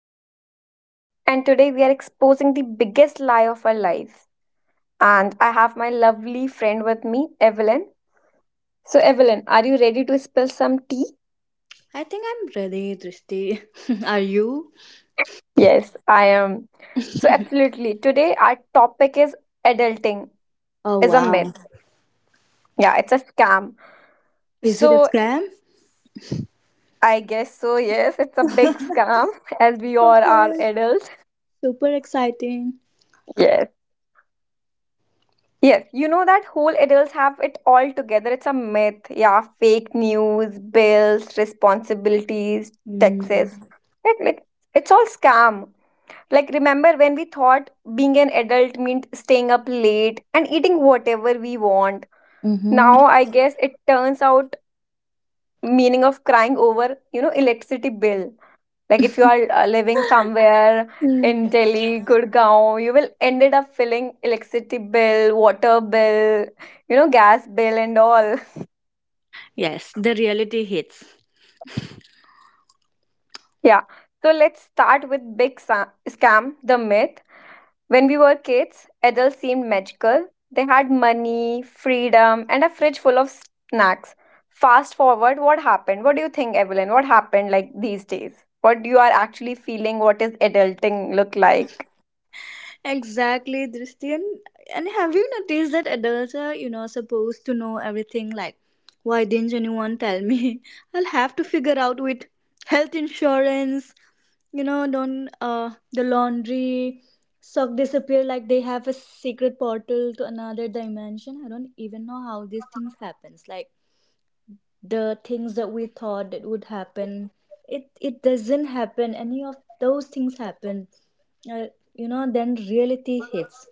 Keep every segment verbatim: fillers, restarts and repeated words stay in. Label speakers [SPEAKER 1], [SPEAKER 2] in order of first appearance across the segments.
[SPEAKER 1] Drishti, and today we are exposing the biggest lie of our lives. And I have my lovely friend with me, Evelyn. So, Evelyn, are you ready to spill some tea?
[SPEAKER 2] I think I'm ready, Drishti. Are you?
[SPEAKER 1] Yes, I am. So, absolutely. Today, our topic is adulting
[SPEAKER 2] Oh
[SPEAKER 1] is a myth.
[SPEAKER 2] wow.
[SPEAKER 1] Yeah, it's a scam.
[SPEAKER 2] Is it a
[SPEAKER 1] So,
[SPEAKER 2] scam?
[SPEAKER 1] I guess so. Yes, it's a big scam as we all are
[SPEAKER 2] Okay.
[SPEAKER 1] adults.
[SPEAKER 2] Super exciting.
[SPEAKER 1] Yes. Yes, you know that whole adults have it all together. It's a myth. Yeah, fake news, bills, responsibilities,
[SPEAKER 2] Mm-hmm.
[SPEAKER 1] taxes. Like, like it's all scam. Like remember when we thought being an adult meant staying up late and eating whatever we want.
[SPEAKER 2] Mm.
[SPEAKER 1] Now I guess it turns out meaning of crying over, you know, electricity bill. Like if you are uh, living somewhere in Delhi, Gurgaon, you will ended up filling electricity bill, water bill, you know, gas bill and all.
[SPEAKER 2] Yes, the reality hits.
[SPEAKER 1] Yeah. So let's start with big sa- scam, the myth. When we were kids, adults seemed magical. They had money, freedom, and a fridge full of snacks. Fast forward, what happened? What do you think, Evelyn? What happened like these days? What you are actually feeling? What is adulting look like?
[SPEAKER 2] Exactly, Dristian. And have you noticed that adults are, you know, supposed to know everything? Like, why didn't anyone tell me? I'll have to figure out with health insurance, you know, don't uh, the laundry sock disappear like they have a secret portal to another dimension. I don't even know how these things happens. Like the things that we thought that would happen, it it doesn't happen, any of those things happen, uh, you know, then reality hits.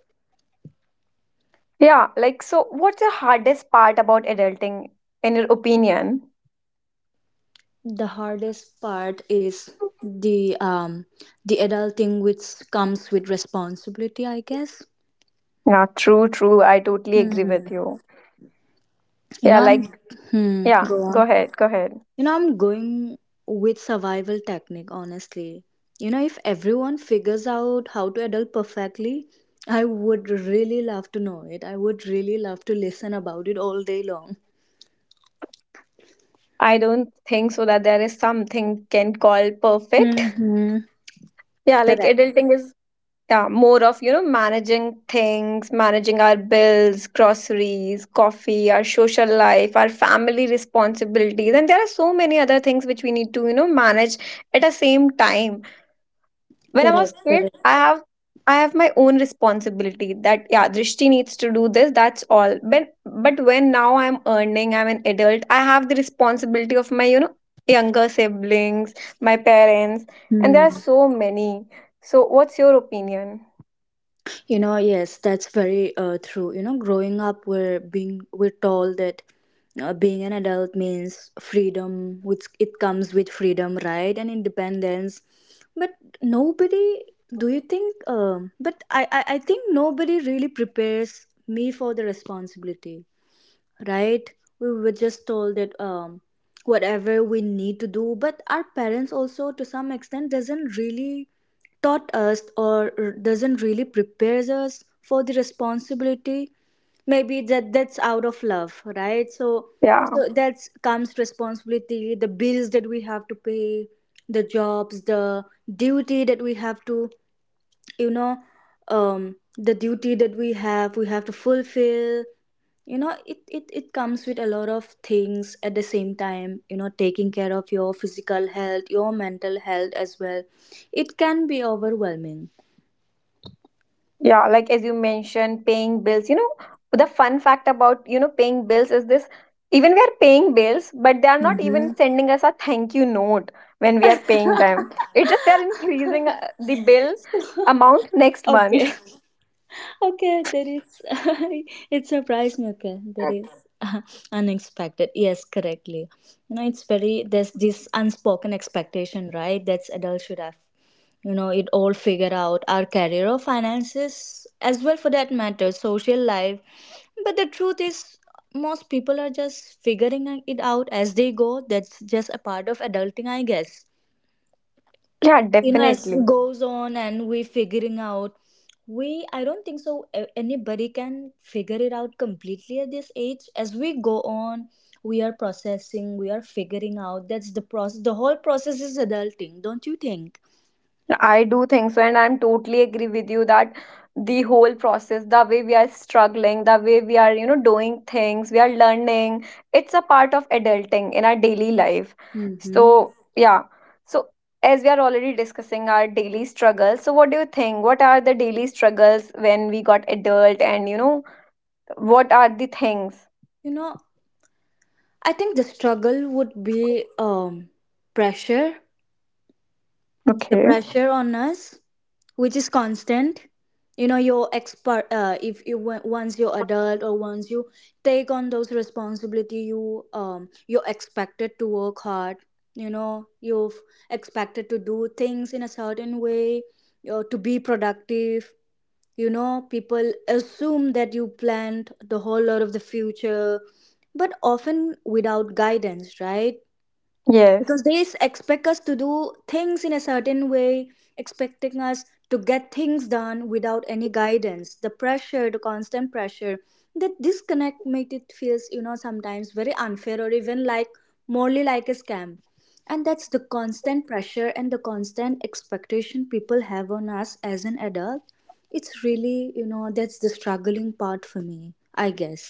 [SPEAKER 1] Yeah, like so what's the hardest part about adulting in your opinion?
[SPEAKER 2] The hardest part is the um the adulting which comes with responsibility, I guess.
[SPEAKER 1] Yeah, true, true. I totally agree
[SPEAKER 2] Hmm.
[SPEAKER 1] with you.
[SPEAKER 2] You
[SPEAKER 1] Yeah,
[SPEAKER 2] know, I'm,
[SPEAKER 1] like
[SPEAKER 2] hmm,
[SPEAKER 1] yeah,
[SPEAKER 2] go
[SPEAKER 1] go
[SPEAKER 2] on.
[SPEAKER 1] ahead, go ahead.
[SPEAKER 2] You know, I'm going with survival technique, honestly. You know, if everyone figures out how to adult perfectly, I would really love to know it. I would really love to listen about it all day long.
[SPEAKER 1] I don't think so that there is something can call perfect.
[SPEAKER 2] Mm-hmm.
[SPEAKER 1] Yeah, like
[SPEAKER 2] Correct.
[SPEAKER 1] adulting is yeah, more of, you know, managing things, managing our bills, groceries, coffee, our social life, our family responsibilities. And there are so many other things which we need to, you know, manage at the same time when I was
[SPEAKER 2] Correct.
[SPEAKER 1] kid,
[SPEAKER 2] Correct.
[SPEAKER 1] I have I have my own responsibility that yeah, Drishti needs to do this, that's all. But but when now I'm earning, I'm an adult, I have the responsibility of my, you know, younger siblings, my parents, and there are
[SPEAKER 2] Hmm.
[SPEAKER 1] so many. So what's your opinion?
[SPEAKER 2] You know, yes, that's very uh, true. You know, growing up, we're being we're told that uh, being an adult means freedom, which it comes with freedom, right, and independence. But nobody, do you think? Um, but I, I, I think nobody really prepares me for the responsibility, right? We were just told that um whatever we need to do, but our parents also to some extent doesn't really taught us, or doesn't really prepares us for the responsibility. Maybe that that's out of love, right? So
[SPEAKER 1] Yeah.
[SPEAKER 2] so that's comes responsibility, the bills that we have to pay, the jobs, the duty that we have to, you know, um the duty that we have we have to fulfill. You know, it, it it comes with a lot of things at the same time. You know, taking care of your physical health, your mental health as well, it can be overwhelming.
[SPEAKER 1] Yeah, like as you mentioned, paying bills. You know, the fun fact about, you know, paying bills is this even we are paying bills, but they are not even sending us a thank you note when we are paying them. It's just they're increasing uh, the bill amount next
[SPEAKER 2] Okay.
[SPEAKER 1] month.
[SPEAKER 2] Okay, that is it surprised me. Okay, that is unexpected, yes, correctly. You know, it's very, there's this unspoken expectation, right, that's adults should have, you know, it all figure out, our career or finances as well, for that matter, social life. But the truth is, most people are just figuring it out as they go. That's just a part of adulting, I guess.
[SPEAKER 1] Yeah,
[SPEAKER 2] You know, as it
[SPEAKER 1] definitely.
[SPEAKER 2] goes on and we figuring out, we, I don't think so a- anybody can figure it out completely at this age. As we go on, we are processing, we are figuring out. That's the process. The whole process is adulting, don't you think?
[SPEAKER 1] I do think so, and I'm totally agree with you that the whole process, the way we are struggling, the way we are, you know, doing things, we are learning, it's a part of adulting in our daily life.
[SPEAKER 2] Mm-hmm.
[SPEAKER 1] So, yeah. So, as we are already discussing our daily struggles, so what do you think? What are the daily struggles when we got adult, and you know, what are the things?
[SPEAKER 2] You know, I think the struggle would be um, pressure, the
[SPEAKER 1] Okay.
[SPEAKER 2] pressure on us, which is constant. You know, your expert. Uh, if you wa- once you're adult, or once you take on those responsibility, you um, you're expected to work hard. You know, you're expected to do things in a certain way, or to be productive. You know, people assume that you planned the whole lot of the future, but often without guidance, right?
[SPEAKER 1] Yes.
[SPEAKER 2] Because they s- expect us to do things in a certain way, expecting us to get things done without any guidance. The pressure, the constant pressure, that disconnect make it feels, you know, sometimes very unfair, or even like morally like a scam. And that's the constant pressure and the constant expectation people have on us as an adult. It's really, you know, that's the struggling part for me, I guess.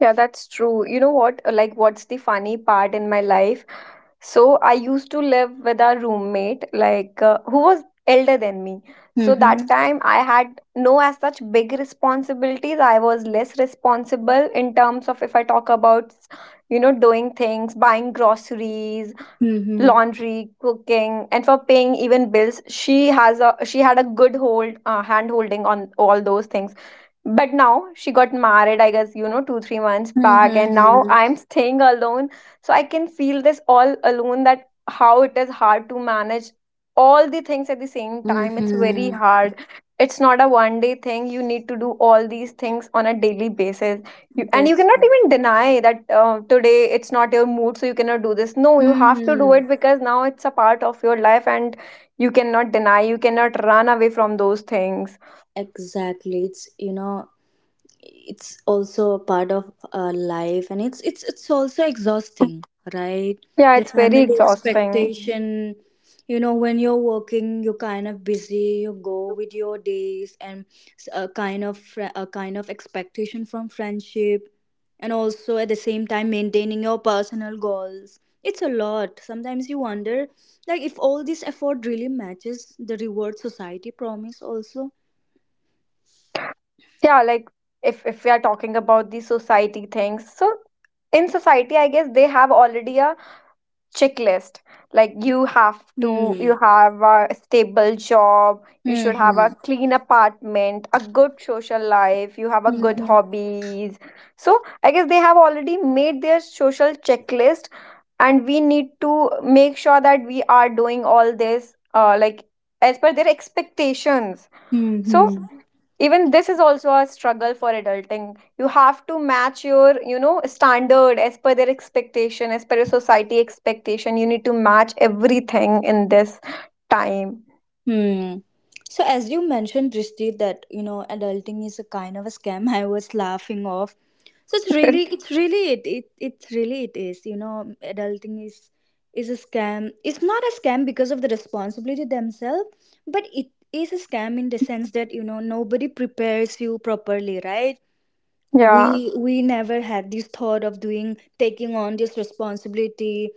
[SPEAKER 1] Yeah, that's true. You know what? Like, what's the funny part in my life? So I used to live with a roommate, like uh, who was elder than me. So
[SPEAKER 2] Mm-hmm.
[SPEAKER 1] that time I had no as such big responsibilities. I was less responsible in terms of if I talk about, you know, doing things, buying groceries,
[SPEAKER 2] Mm-hmm.
[SPEAKER 1] laundry, cooking, and for paying even bills. She has a she had a good hold uh, hand holding on all those things, but now she got married, I guess, you know, two three months back, and now
[SPEAKER 2] Mm-hmm.
[SPEAKER 1] I'm staying alone. So I can feel this all alone that how it is hard to manage all the things at the same time. It's very
[SPEAKER 2] Mm-hmm.
[SPEAKER 1] hard. It's not a one day thing. You need to do all these things on a daily basis, you, and you
[SPEAKER 2] That's
[SPEAKER 1] cannot
[SPEAKER 2] right.
[SPEAKER 1] even deny that uh, today it's not your mood, so you cannot do this. No, you have to do
[SPEAKER 2] Mm-hmm.
[SPEAKER 1] it because now it's a part of your life, and you cannot deny, you cannot run away from those things.
[SPEAKER 2] Exactly. It's, you know, it's also a part of our life, and it's it's it's also exhausting, right?
[SPEAKER 1] Yeah,
[SPEAKER 2] The yeah,
[SPEAKER 1] it's very
[SPEAKER 2] family
[SPEAKER 1] exhausting.
[SPEAKER 2] expectation. You know, when you're working, you're kind of busy, you go with your days, and s- a kind of fr- a kind of expectation from friendship, and also at the same time maintaining your personal goals, it's a lot. Sometimes you wonder, like, if all this effort really matches the reward society promise also.
[SPEAKER 1] Yeah, like if if we are talking about the society things, so in society, I guess they have already a checklist. Like you have to,
[SPEAKER 2] Hmm.
[SPEAKER 1] you have a stable job, you should have a
[SPEAKER 2] Hmm.
[SPEAKER 1] clean apartment, a good social life, you have a good
[SPEAKER 2] Hmm.
[SPEAKER 1] hobbies. So I guess they have already made their social checklist, and we need to make sure that we are doing all this, uh, like as per their expectations. So
[SPEAKER 2] Mm-hmm.
[SPEAKER 1] even this is also a struggle for adulting. You have to match your, you know, standard as per their expectation, as per your society expectation. You need to match everything in this time.
[SPEAKER 2] Hmm. So as you mentioned, Drishti, that you know, adulting is a kind of a scam. I was laughing off. So it's really, it's really, it, it it's really it is. You know, adulting is is a scam. It's not a scam because of the responsibility themselves, but it is a scam in the sense that you know, nobody prepares you properly, right?
[SPEAKER 1] Yeah.
[SPEAKER 2] We we never had this thought of doing taking on this responsibility,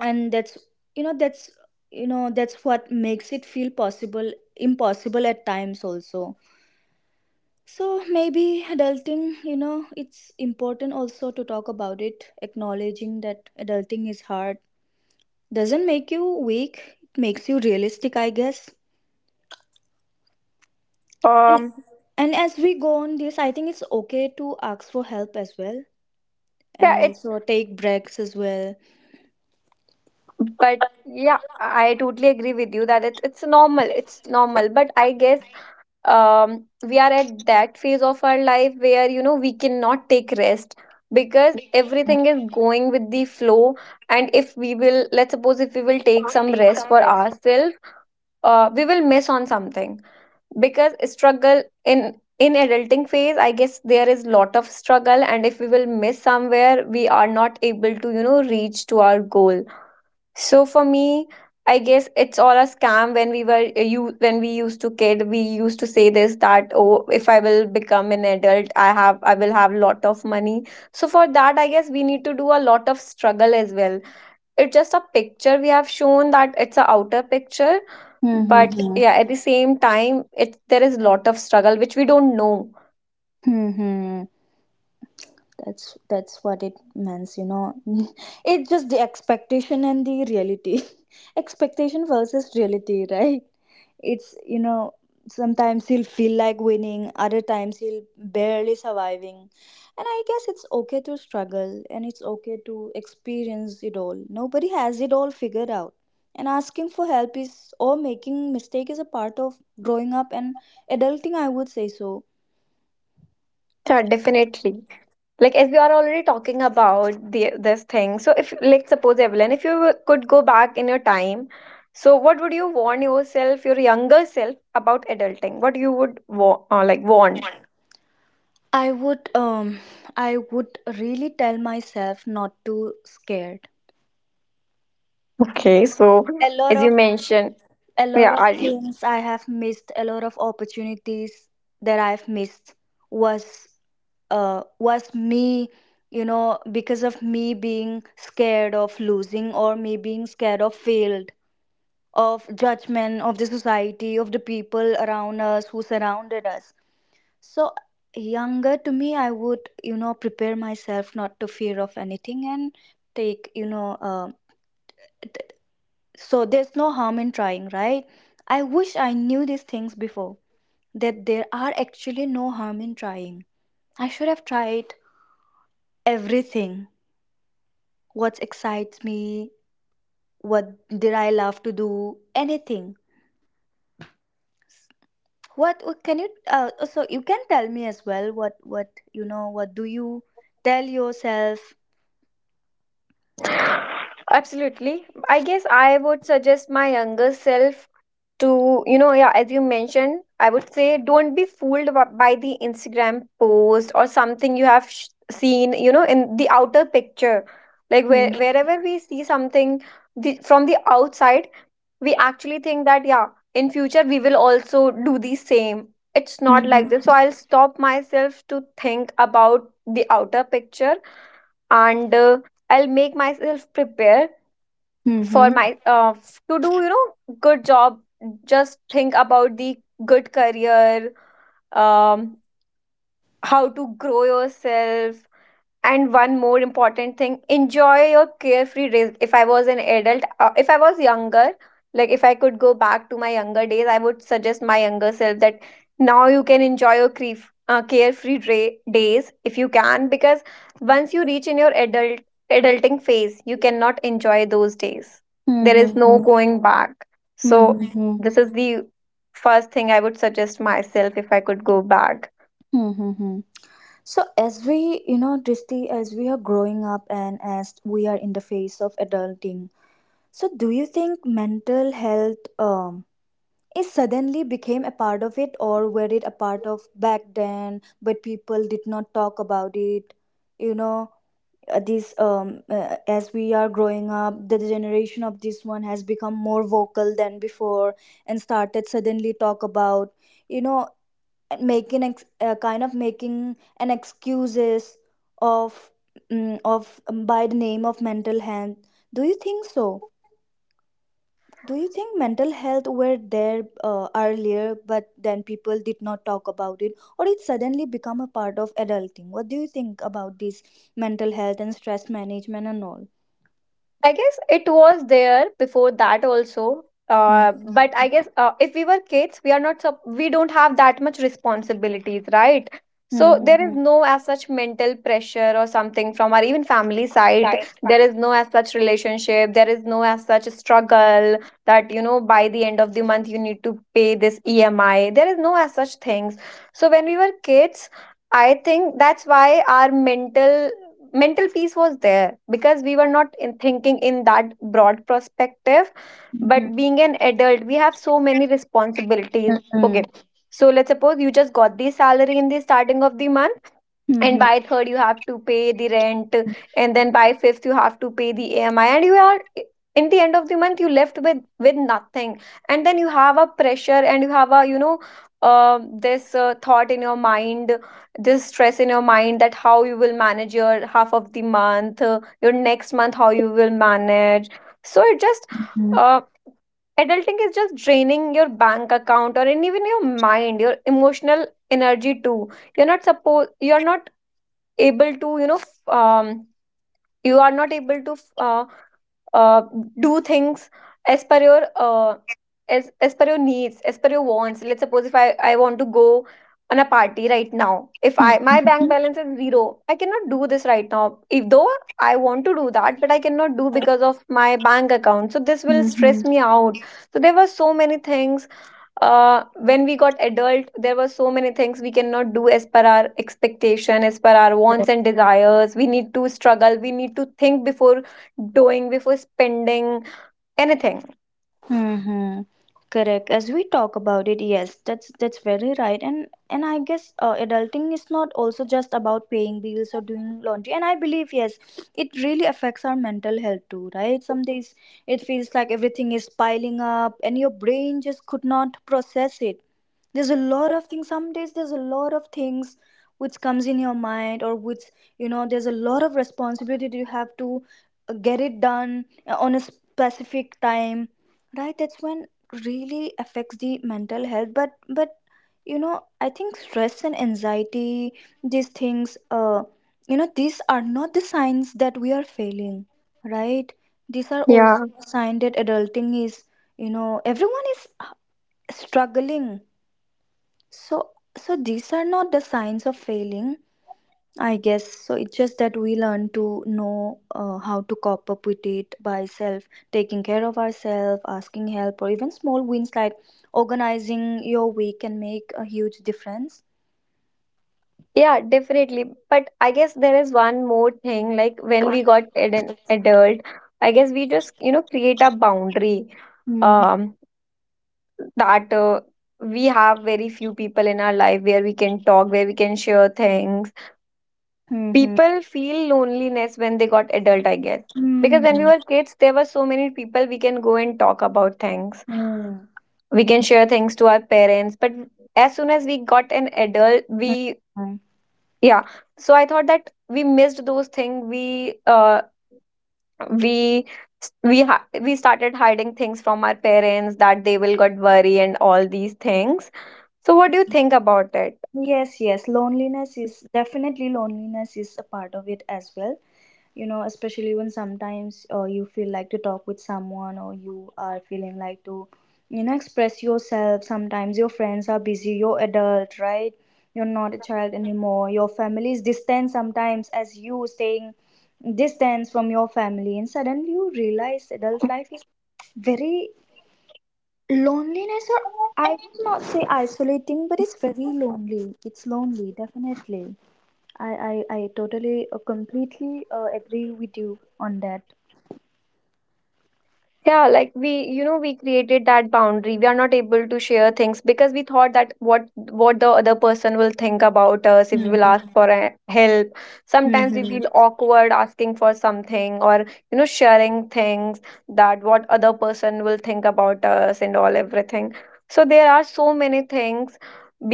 [SPEAKER 2] and that's, you know, that's, you know, that's what makes it feel possible, impossible at times also. So maybe adulting, you know, it's important also to talk about it, acknowledging that adulting is hard doesn't make you weak, it makes you realistic, I guess. and
[SPEAKER 1] Um,
[SPEAKER 2] and as we go on this, I think it's okay to ask for help as well,
[SPEAKER 1] yeah,
[SPEAKER 2] and
[SPEAKER 1] it's
[SPEAKER 2] also take breaks as well.
[SPEAKER 1] but yeah, I totally agree with you that it's it's normal, it's normal, but I guess um, we are at that phase of our life where you know we cannot take rest because everything is going with the flow, and if we will, let's suppose if we will take some rest for ourselves, uh, we will miss on something because struggle in in adulting phase, I guess, there is lot of struggle, and if we will miss somewhere we are not able to, you know, reach to our goal. So for me, I guess it's all a scam. When we were uh, you when we used to kid, we used to say this that oh, if I will become an adult, I have I will have lot of money. So for that, I guess we need to do a lot of struggle as well. It's just a picture we have shown that it's a outer picture, but
[SPEAKER 2] Mm-hmm.
[SPEAKER 1] yeah, at the same time, it there is lot of struggle which we don't know.
[SPEAKER 2] Hmm, that's that's what it means, you know. It's just the expectation and the reality. Expectation versus reality, right? It's, you know, sometimes he'll feel like winning, other times he'll barely surviving. And I guess it's okay to struggle, and it's okay to experience it all. Nobody has it all figured out, and asking for help is, or making mistake is, a part of growing up and adulting, I would say so.
[SPEAKER 1] Yeah, definitely. Like as we are already talking about the this thing, so if like suppose Evelyn, if you could go back in your time, so what would you warn yourself, your younger self, about adulting, what you would wa- uh, like warn.
[SPEAKER 2] I would um I would really tell myself not to scared.
[SPEAKER 1] Okay, so
[SPEAKER 2] A lot
[SPEAKER 1] as you
[SPEAKER 2] of,
[SPEAKER 1] mentioned,
[SPEAKER 2] a
[SPEAKER 1] yeah,
[SPEAKER 2] lot of
[SPEAKER 1] are you,
[SPEAKER 2] things I have missed, a lot of opportunities that I've missed was, uh was me, you know, because of me being scared of losing, or me being scared of failed, of judgment, of the society, of the people around us who surrounded us. So younger to me, I would, you know, prepare myself not to fear of anything and take, you know. Uh, so there's no harm in trying, right? I wish I knew these things before, that there are actually no harm in trying. I should have tried everything. What excites me? What did I love to do? Anything. What what can you? Uh, oh, so you can tell me as well. What what you know? What do you tell yourself?
[SPEAKER 1] absolutely, I guess I would suggest my younger self to, you know, yeah, as you mentioned, I would say, don't be fooled wa- by the Instagram post or something you have sh- seen, you know, in the outer picture, like where, wherever we see something, the, from the outside we actually think that yeah in future we will also do the same. It's not like this,
[SPEAKER 2] Mm-hmm.
[SPEAKER 1] so I'll stop myself to think about the outer picture. And uh, I'll make myself prepare for
[SPEAKER 2] Mm-hmm.
[SPEAKER 1] my uh, f- to do, you know, good job. Just think about the good career. Um, how to grow yourself. And one more important thing, enjoy your carefree days. If I was an adult, uh, if I was younger, like if I could go back to my younger days, I would suggest my younger self that now you can enjoy your cref- uh, carefree dra- days if you can, because once you reach in your adult adulting phase, you cannot enjoy those days. There is no
[SPEAKER 2] Mm-hmm.
[SPEAKER 1] going back. So
[SPEAKER 2] Mm-hmm.
[SPEAKER 1] this is the first thing I would suggest myself if I could go back.
[SPEAKER 2] Mm-hmm. So as we, you know, Drishti, as we are growing up and as we are in the phase of adulting, so do you think mental health um it suddenly became a part of it, or were it a part of back then but people did not talk about it? You know, uh, this um uh, as we are growing up, the generation of this one has become more vocal than before, and started suddenly talk about, you know, and making ex- uh, kind of making an excuses of, mm, of um, by the name of mental health. Do you think so? Do you think mental health were there uh, earlier but then people did not talk about it, or it suddenly become a part of adulting? What do you think about this, mental health and stress management and all?
[SPEAKER 1] I guess it was there before that also. Uh,
[SPEAKER 2] Mhm.
[SPEAKER 1] but I guess uh, if we were kids, we are not sup- we don't have that much responsibilities, right? So there is
[SPEAKER 2] Mhm.
[SPEAKER 1] no as such mental pressure or something from our even family side. There is no as such relationship. There is no as such struggle that you know by the end of the month you need to pay this E M I. There is no as such things. So when we were kids, I think that's why our mental mental peace was there because we were not in thinking in that broad perspective.
[SPEAKER 2] Mhm.
[SPEAKER 1] But being an adult, we have so many responsibilities.
[SPEAKER 2] Mhm.
[SPEAKER 1] Okay, so let's suppose you just got the salary in the starting of the month and
[SPEAKER 2] Mhm.
[SPEAKER 1] by third you have to pay the rent and then by fifth you have to pay the ami and you are in the end of the month you left with with nothing. And then you have a pressure and you have a you know uh, this uh, thought in your mind, this stress in your mind that how you will manage your half of the month, uh, your next month how you will manage. So it just
[SPEAKER 2] Mhm.
[SPEAKER 1] uh, adulting is just draining your bank account or, and even your mind, your emotional energy too. You're not supposed, you're not able to you know f- um, you are not able to f- uh, uh, do things as per your uh, as, as per your needs, as per your wants. Let's suppose if I, I want to go on a party right now. If
[SPEAKER 2] Mhm.
[SPEAKER 1] I my bank
[SPEAKER 2] Mhm.
[SPEAKER 1] balance is zero I cannot do this right now. If though I want to do that but I cannot do because of my bank account, so this will
[SPEAKER 2] Mhm.
[SPEAKER 1] stress me out. So there were so many things. Uh, when we got adult there were so many things we cannot do as per our expectation, as per our wants and desires. We need to struggle, we need to think before doing, before spending anything.
[SPEAKER 2] Mm-hmm. Correct. As we talk about it, yes, that's that's very right. And and I guess uh, adulting is not also just about paying bills or doing laundry. And I believe, yes, it really affects our mental health too, right? Some days it feels like everything is piling up, and your brain just could not process it. There's a lot of things. Some days there's a lot of things which comes in your mind, or which, you know, there's a lot of responsibility that you have to uh, get it done uh, on a specific time, right? That's when really affects the mental health. but but you know, I think stress and anxiety, these things, uh you know, these are not the signs that we are failing, right? These are
[SPEAKER 1] Yeah.
[SPEAKER 2] also a sign that adulting is, you know, everyone is uh, struggling. So so these are not the signs of failing, I guess so. It's just that we learn to know uh, how to cope up with it by self, taking care of ourselves, asking help, or even small wins like organizing your week can make a huge difference.
[SPEAKER 1] Yeah, definitely. But I guess there is one more thing, like when we got ad- an adult I guess we just you know create a boundary,
[SPEAKER 2] Mm-hmm.
[SPEAKER 1] um that uh, we have very few people in our life where we can talk, where we can share things.
[SPEAKER 2] Mm-hmm.
[SPEAKER 1] People feel loneliness when they got adult, I guess. Because when we
[SPEAKER 2] Mm-hmm.
[SPEAKER 1] were kids, there were so many people we can go and talk about things. We can share things to our parents. But as soon as we got an adult, we
[SPEAKER 2] Mm-hmm.
[SPEAKER 1] yeah. So I thought that we missed those things. We uh we we ha- we started hiding things from our parents that they will got worry and all these things. So what do you think about it?
[SPEAKER 2] Yes, yes. Loneliness is definitely, loneliness is a part of it as well. You know, especially when sometimes uh, you feel like to talk with someone, or you are feeling like to, you know, express yourself, sometimes your friends are busy. You're adult, right? You're not a child anymore. Your family is distant sometimes, as you staying distance from your family, and suddenly you realize adult life is very loneliness, or I would not say isolating, but it's very lonely. It's lonely, definitely. i i, I totally uh, completely uh, agree with you on that.
[SPEAKER 1] Yeah, like we, you know, we created that boundary. We are not able to share things because we thought that what what the other person will think about us if we will ask
[SPEAKER 2] Mm-hmm.
[SPEAKER 1] for uh, help. Sometimes we feel
[SPEAKER 2] Mm-hmm.
[SPEAKER 1] awkward asking for something or, you know, sharing things, that what other person will think about us and all everything. So there are so many things.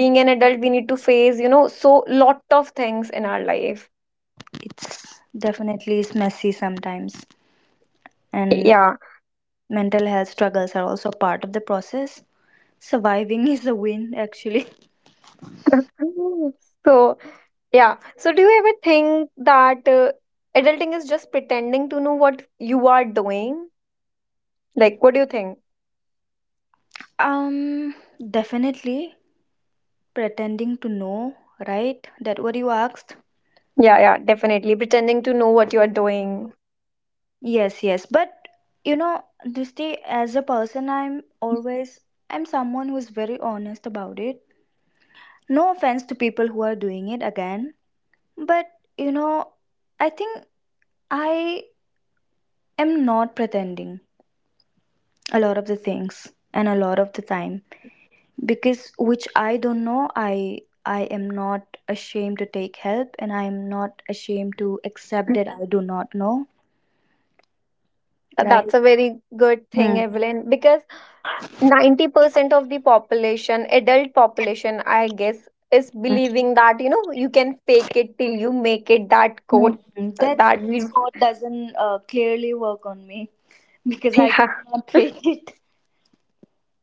[SPEAKER 1] Being an adult, we need to face, you know, so lot of things in our life.
[SPEAKER 2] It's definitely is messy sometimes, and
[SPEAKER 1] Yeah.
[SPEAKER 2] mental health struggles are also part of the process. Surviving is a win, actually.
[SPEAKER 1] So yeah. So, do you ever think that uh, adulting is just pretending to know what you are doing? Like, what do you think?
[SPEAKER 2] Um, definitely pretending to know, right? That what you asked.
[SPEAKER 1] Yeah, yeah, definitely. Pretending to know what you are doing.
[SPEAKER 2] Yes, yes, but you know, Drishti, as a person, I'm always I'm someone who's very honest about it. No offense to people who are doing it again, but you know, I think I am not pretending a lot of the things and a lot of the time because which I don't know I I am not ashamed to take help and I am not ashamed to accept that I do not know,
[SPEAKER 1] Uh,
[SPEAKER 2] right.
[SPEAKER 1] That's a very good thing,
[SPEAKER 2] Hmm.
[SPEAKER 1] Evelyn, because ninety percent of the population, adult population, I guess, is believing that, you know, you can fake it till you make it, that quote,
[SPEAKER 2] Hmm.
[SPEAKER 1] uh,
[SPEAKER 2] That
[SPEAKER 1] that we,
[SPEAKER 2] spot doesn't uh, clearly work on me because I
[SPEAKER 1] yeah.
[SPEAKER 2] could not fake it.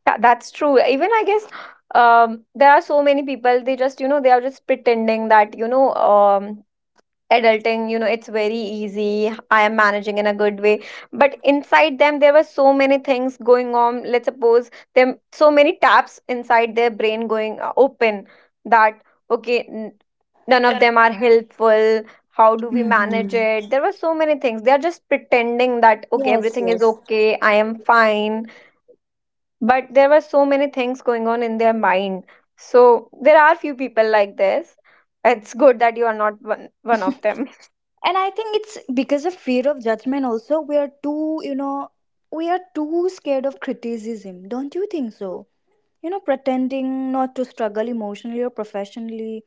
[SPEAKER 1] Yeah, that's true. Even I guess um, there are so many people, they just, you know, they are just pretending that, you know, um, adulting, you know, it's very easy. I am managing in a good way. But inside them, there were so many things going on. Let's suppose them so many taps inside their brain going uh, open, that, okay, n- none of them are helpful. How do we manage
[SPEAKER 2] Hmm.
[SPEAKER 1] it? There were so many things. They are just pretending that, okay,
[SPEAKER 2] Yes,
[SPEAKER 1] everything is
[SPEAKER 2] yes.
[SPEAKER 1] okay. I am fine, but there were so many things going on in their mind. So there are few people like this. It's good that you are not one, one of them.
[SPEAKER 2] And I think it's because of fear of judgment also we are too, you know, we are too scared of criticism. Don't you think so? You know, pretending not to struggle emotionally or professionally,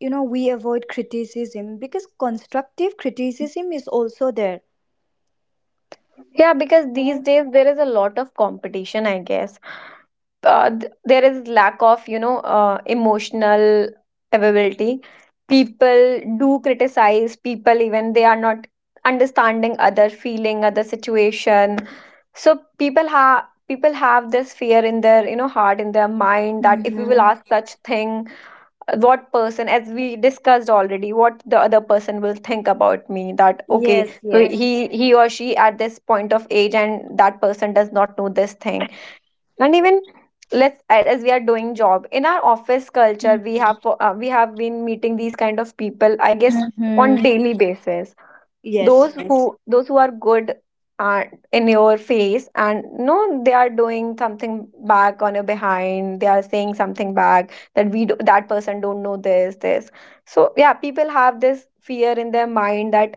[SPEAKER 2] you know, we avoid criticism because constructive criticism is also there,
[SPEAKER 1] Yeah, because these
[SPEAKER 2] right.
[SPEAKER 1] days there is a lot of competition I guess. Uh, th- there is lack of you know uh, emotional availability. People do criticize people even they are not understanding other feeling, other situation. So people have people have this fear in their you know heart, in their mind that if we will
[SPEAKER 2] Mm-hmm.
[SPEAKER 1] ask such thing, uh, what person, as we discussed already, what the other person will think about me, that okay
[SPEAKER 2] Yes,
[SPEAKER 1] so
[SPEAKER 2] yes.
[SPEAKER 1] he he or she at this point of age and that person does not know this thing. And even, let's as we are doing job in our office culture we have uh, we have been meeting these kind of people I guess
[SPEAKER 2] Mm-hmm.
[SPEAKER 1] on daily basis.
[SPEAKER 2] Yes,
[SPEAKER 1] those
[SPEAKER 2] yes.
[SPEAKER 1] who those who are good are in your face, and no, they are doing something back on your behind, they are saying something back that we do, that person don't know this this. So yeah, people have this fear in their mind that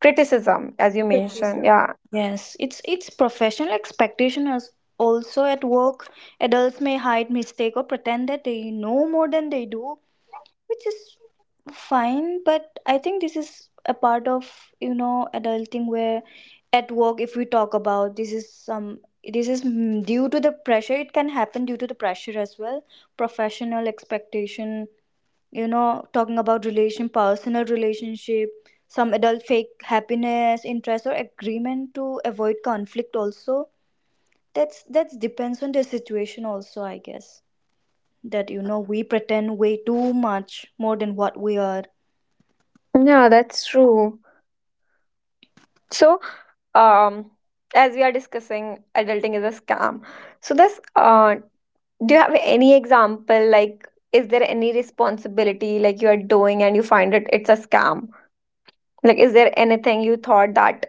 [SPEAKER 1] criticism, as you
[SPEAKER 2] Criticism.
[SPEAKER 1] mentioned, yeah.
[SPEAKER 2] Yes, it's it's professional expectation, as also at work adults may hide mistake or pretend that they know more than they do, which is fine, but I think this is a part of, you know, adulting where at work, if we talk about, this is some this is mm, due to the pressure it can happen, due to the pressure as well, professional expectation. You know, talking about relation, personal relationship, some adult fake happiness, interest or agreement to avoid conflict also. that's that's depends on the situation also, I guess, that, you know, we pretend way too much more than what we are.
[SPEAKER 1] Yeah, that's true. So. um as we are discussing adulting is a scam, so this uh do you have any example like is there any responsibility like you are doing and you find it it's a scam, like is there anything you thought that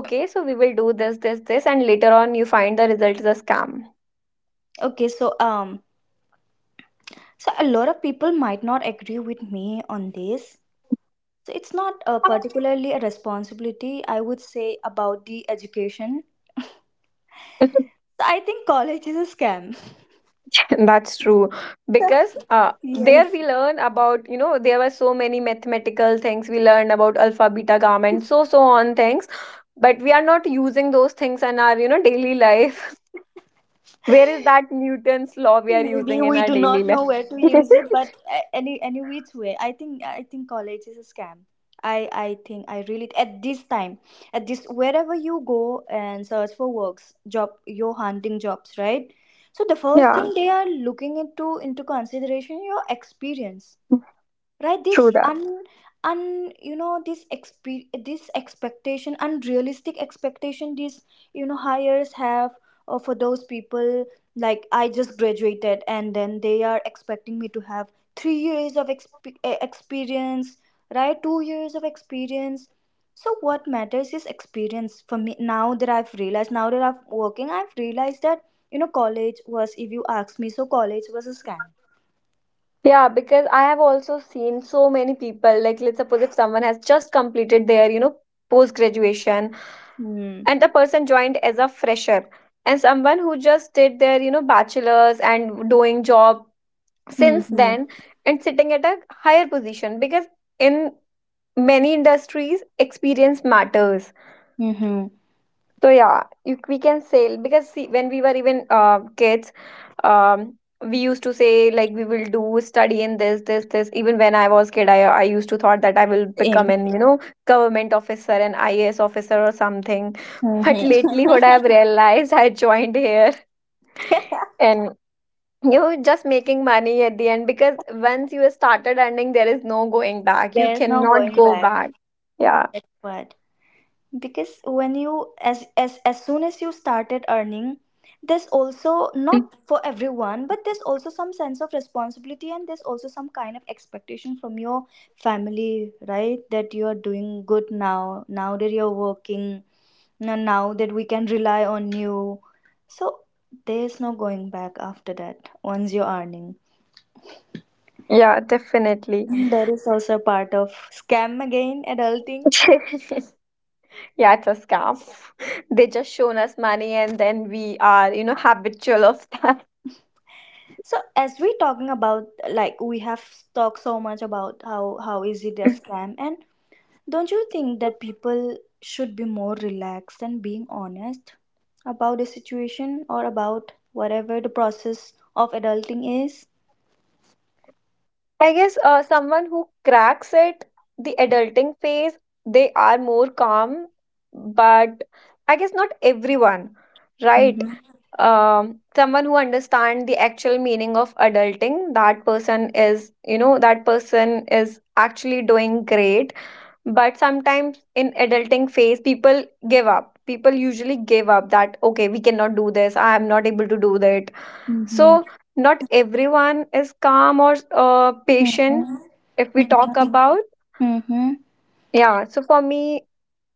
[SPEAKER 1] okay, so we will do this this this and later on you find the result is a scam.
[SPEAKER 2] Okay, so um, so a lot of people might not agree with me on this. So it's not uh, particularly a responsibility, I would say, about the education. So I think college is a scam.
[SPEAKER 1] That's true,
[SPEAKER 2] So,
[SPEAKER 1] because uh, there
[SPEAKER 2] yes.
[SPEAKER 1] we learn about you know there were so many mathematical things we learned about alpha, beta, gamma and so so on things, but we are not using those things in our you know daily life. Where is that Newton's law we are
[SPEAKER 2] Maybe
[SPEAKER 1] using in
[SPEAKER 2] we
[SPEAKER 1] our
[SPEAKER 2] do
[SPEAKER 1] daily
[SPEAKER 2] not
[SPEAKER 1] life?
[SPEAKER 2] know where to use it, but a- any any which way, I think I think college is a scam. I I think I really, at this time, at this, wherever you go and search for works job, you're hunting jobs, right. So the first
[SPEAKER 1] Yeah,
[SPEAKER 2] thing they are looking into into consideration, your experience, right. this
[SPEAKER 1] true that.
[SPEAKER 2] un un You know, this expe- this expectation, unrealistic expectation, these, you know, hires have uh, for those people, like I just graduated and then they are expecting me to have three years of exp- eh, experience, right, two years of experience. So what matters is experience for me. Now that I've realized, now that I'm working, I've realized that, you know, college was, if you ask me, so college was a scam.
[SPEAKER 1] Yeah, because I have also seen so many people, like let's suppose if someone has just completed their, you know, post graduation
[SPEAKER 2] Hmm.
[SPEAKER 1] and the person joined as a fresher, and someone who just did their you know bachelors and doing job
[SPEAKER 2] Hmm.
[SPEAKER 1] since
[SPEAKER 2] Hmm.
[SPEAKER 1] then and sitting at a higher position because in many industries experience matters.
[SPEAKER 2] Hmm.
[SPEAKER 1] So yeah, you, we can sail because see, when we were even uh, kids, um, we used to say like we will do study in this, this, this. Even when I was kid, I I used to thought that I will become
[SPEAKER 2] Aim.
[SPEAKER 1] an you know government officer, an I A S officer or something. But
[SPEAKER 2] Mhm.
[SPEAKER 1] lately, what I have realized, I joined here and you know, just making money at the end, because once you have started earning, there is no going back. You
[SPEAKER 2] There's no
[SPEAKER 1] cannot
[SPEAKER 2] going
[SPEAKER 1] go
[SPEAKER 2] back.
[SPEAKER 1] back. Yeah,
[SPEAKER 2] But because when you, as as as soon as you started earning, there's also not for everyone, but there's also some sense of responsibility and there's also some kind of expectation from your family, right? That you are doing good now, now that you're working, now now that we can rely on you. So there's no going back after that, once you're earning.
[SPEAKER 1] yeah, definitely.
[SPEAKER 2] That is also part of scam again, adulting.
[SPEAKER 1] Yeah, it's a scam. They just shown us money and then we are, you know, habitual of that.
[SPEAKER 2] So as we talking about, like, we have talked so much about how how is it a scam, and don't you think that people should be more relaxed and being honest about the situation or about whatever the process of adulting is?
[SPEAKER 1] I guess uh, someone who cracks it, the adulting phase, they are more calm, but I guess not everyone, right?
[SPEAKER 2] Mm-hmm.
[SPEAKER 1] Um, someone who understands the actual meaning of adulting, that person is you know, that person is actually doing great. But sometimes in adulting phase people give up, people usually give up, that okay we cannot do this, I am not able to do that.
[SPEAKER 2] Mm-hmm.
[SPEAKER 1] So not everyone is calm or uh, patient,
[SPEAKER 2] Mm-hmm.
[SPEAKER 1] if we talk about.
[SPEAKER 2] Mm-hmm.
[SPEAKER 1] Yeah, so for me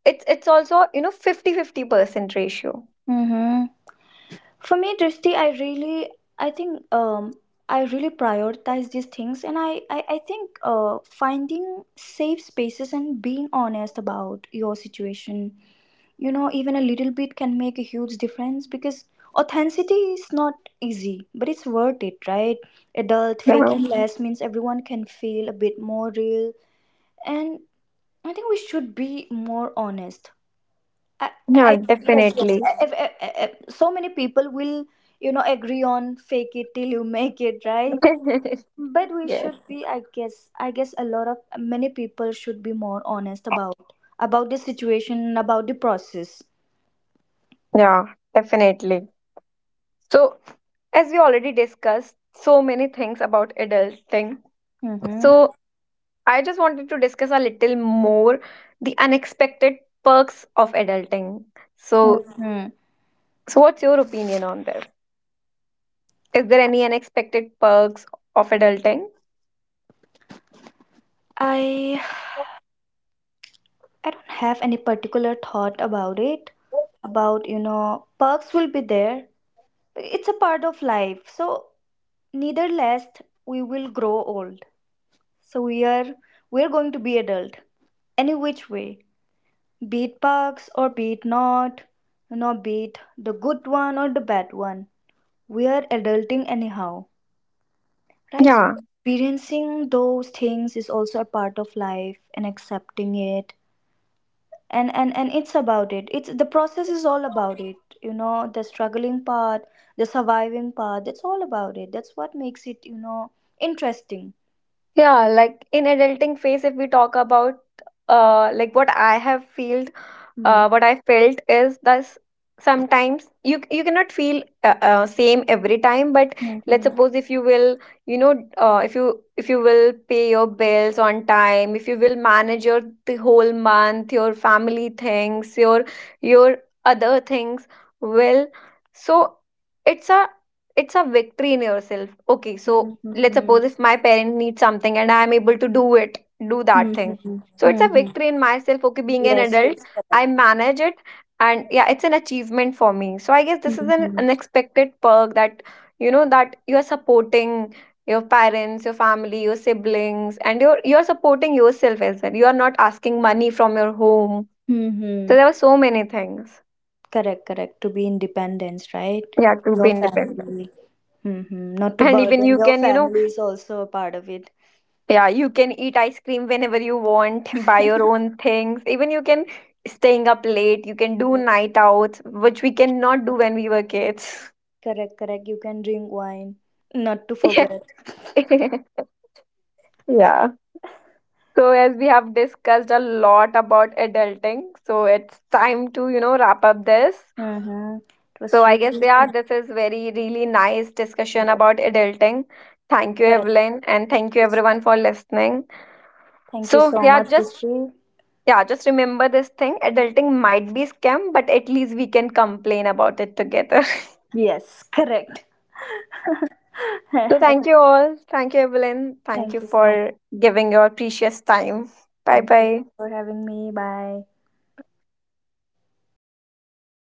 [SPEAKER 1] it's it's also you know fifty fifty percent ratio.
[SPEAKER 2] Mm-hmm. For me, Drishti, I really, I think, um, I really prioritize these things, and I, I, I think, uh, finding safe spaces and being honest about your situation, you know, even a little bit can make a huge difference, because authenticity is not easy, but it's worth it, right? Adult
[SPEAKER 1] Yeah.
[SPEAKER 2] faking, Mhm, less means everyone can feel a bit more real, and I think we should be more honest. I,
[SPEAKER 1] Yeah,
[SPEAKER 2] I yes yes
[SPEAKER 1] definitely.
[SPEAKER 2] if, if, if, so many people will, you know, agree on fake it till you make it, right, but we
[SPEAKER 1] Yes.
[SPEAKER 2] should be, i guess i guess a lot of many people should be more honest about about the situation, about the process.
[SPEAKER 1] Yeah, definitely. So, as we already discussed so many things about adulting,
[SPEAKER 2] Mm-hmm.
[SPEAKER 1] so I just wanted to discuss a little more, the unexpected perks of adulting. So,
[SPEAKER 2] Mm-hmm.
[SPEAKER 1] so what's your opinion on this? Is there any unexpected perks of adulting?
[SPEAKER 2] i i don't have any particular thought about it. About, you know, perks will be there, it's a part of life. So, neither less, we will grow old. So we are, we're going to be adult any which way, be it bugs or be it not, you know, be it the good one or the bad one. We are adulting anyhow, right? So
[SPEAKER 1] Yeah.
[SPEAKER 2] experiencing those things is also a part of life, and accepting it. And, and and it's about it, it's the process is all about it, you know, the struggling part, the surviving part, that's all about it, that's what makes it, you know, interesting.
[SPEAKER 1] Yeah, like in adulting phase, if we talk about uh like what I have felt, uh what I felt is that sometimes you you cannot feel uh, uh, same every time, but let's
[SPEAKER 2] Mm-hmm.
[SPEAKER 1] suppose if you will, you know, uh, if you if you will pay your bills on time, if you will manage your the whole month, your family things, your your other things well, so it's a it's a victory in yourself. Okay, so let's suppose if my parent needs something and I am able to do it, do that thing.
[SPEAKER 2] Mm-hmm.
[SPEAKER 1] So it's a
[SPEAKER 2] Mm-hmm.
[SPEAKER 1] victory in myself. Okay, being an
[SPEAKER 2] Yes,
[SPEAKER 1] adult,
[SPEAKER 2] yes, correct.
[SPEAKER 1] I manage it, and yeah, it's an achievement for me. So I guess this is an
[SPEAKER 2] Mm-hmm.
[SPEAKER 1] unexpected perk, that you know that you are supporting your parents, your family, your siblings, and you're you're supporting yourself as well. You are not asking money from your home.
[SPEAKER 2] Mm-hmm.
[SPEAKER 1] So there were so many things.
[SPEAKER 2] Correct, correct. To be independence, right?
[SPEAKER 1] Yeah, to
[SPEAKER 2] Your
[SPEAKER 1] be independent.
[SPEAKER 2] family. Mm-hmm. Not to
[SPEAKER 1] And even
[SPEAKER 2] burden
[SPEAKER 1] you
[SPEAKER 2] your
[SPEAKER 1] can, you know,
[SPEAKER 2] family is also a part of it.
[SPEAKER 1] yeah, you can eat ice cream whenever you want, buy your own things. Even you can staying up late, you can do night outs, which we cannot do when we were kids.
[SPEAKER 2] Correct, correct. You can drink wine. Not to
[SPEAKER 1] Yeah.
[SPEAKER 2] forget.
[SPEAKER 1] Yeah. So as we have discussed a lot about adulting, so it's time to, you know, wrap up this.
[SPEAKER 2] Mm-hmm. It
[SPEAKER 1] So
[SPEAKER 2] was
[SPEAKER 1] I guess
[SPEAKER 2] really
[SPEAKER 1] yeah, this is very really nice discussion
[SPEAKER 2] yes,
[SPEAKER 1] about adulting. Thank you,
[SPEAKER 2] correct.
[SPEAKER 1] Evelyn, and thank you everyone for listening.
[SPEAKER 2] Thank you
[SPEAKER 1] So
[SPEAKER 2] so
[SPEAKER 1] yeah,
[SPEAKER 2] much,
[SPEAKER 1] just
[SPEAKER 2] Jesse.
[SPEAKER 1] yeah, just remember this thing, adulting might be scam, but at least we can complain about it together.
[SPEAKER 2] Yes, correct. Thank
[SPEAKER 1] So, thank you all. Thank you, Evelyn. Thank
[SPEAKER 2] you
[SPEAKER 1] you
[SPEAKER 2] so much.
[SPEAKER 1] for giving your precious time. Bye
[SPEAKER 2] Thank you
[SPEAKER 1] bye.
[SPEAKER 2] for having me. Bye.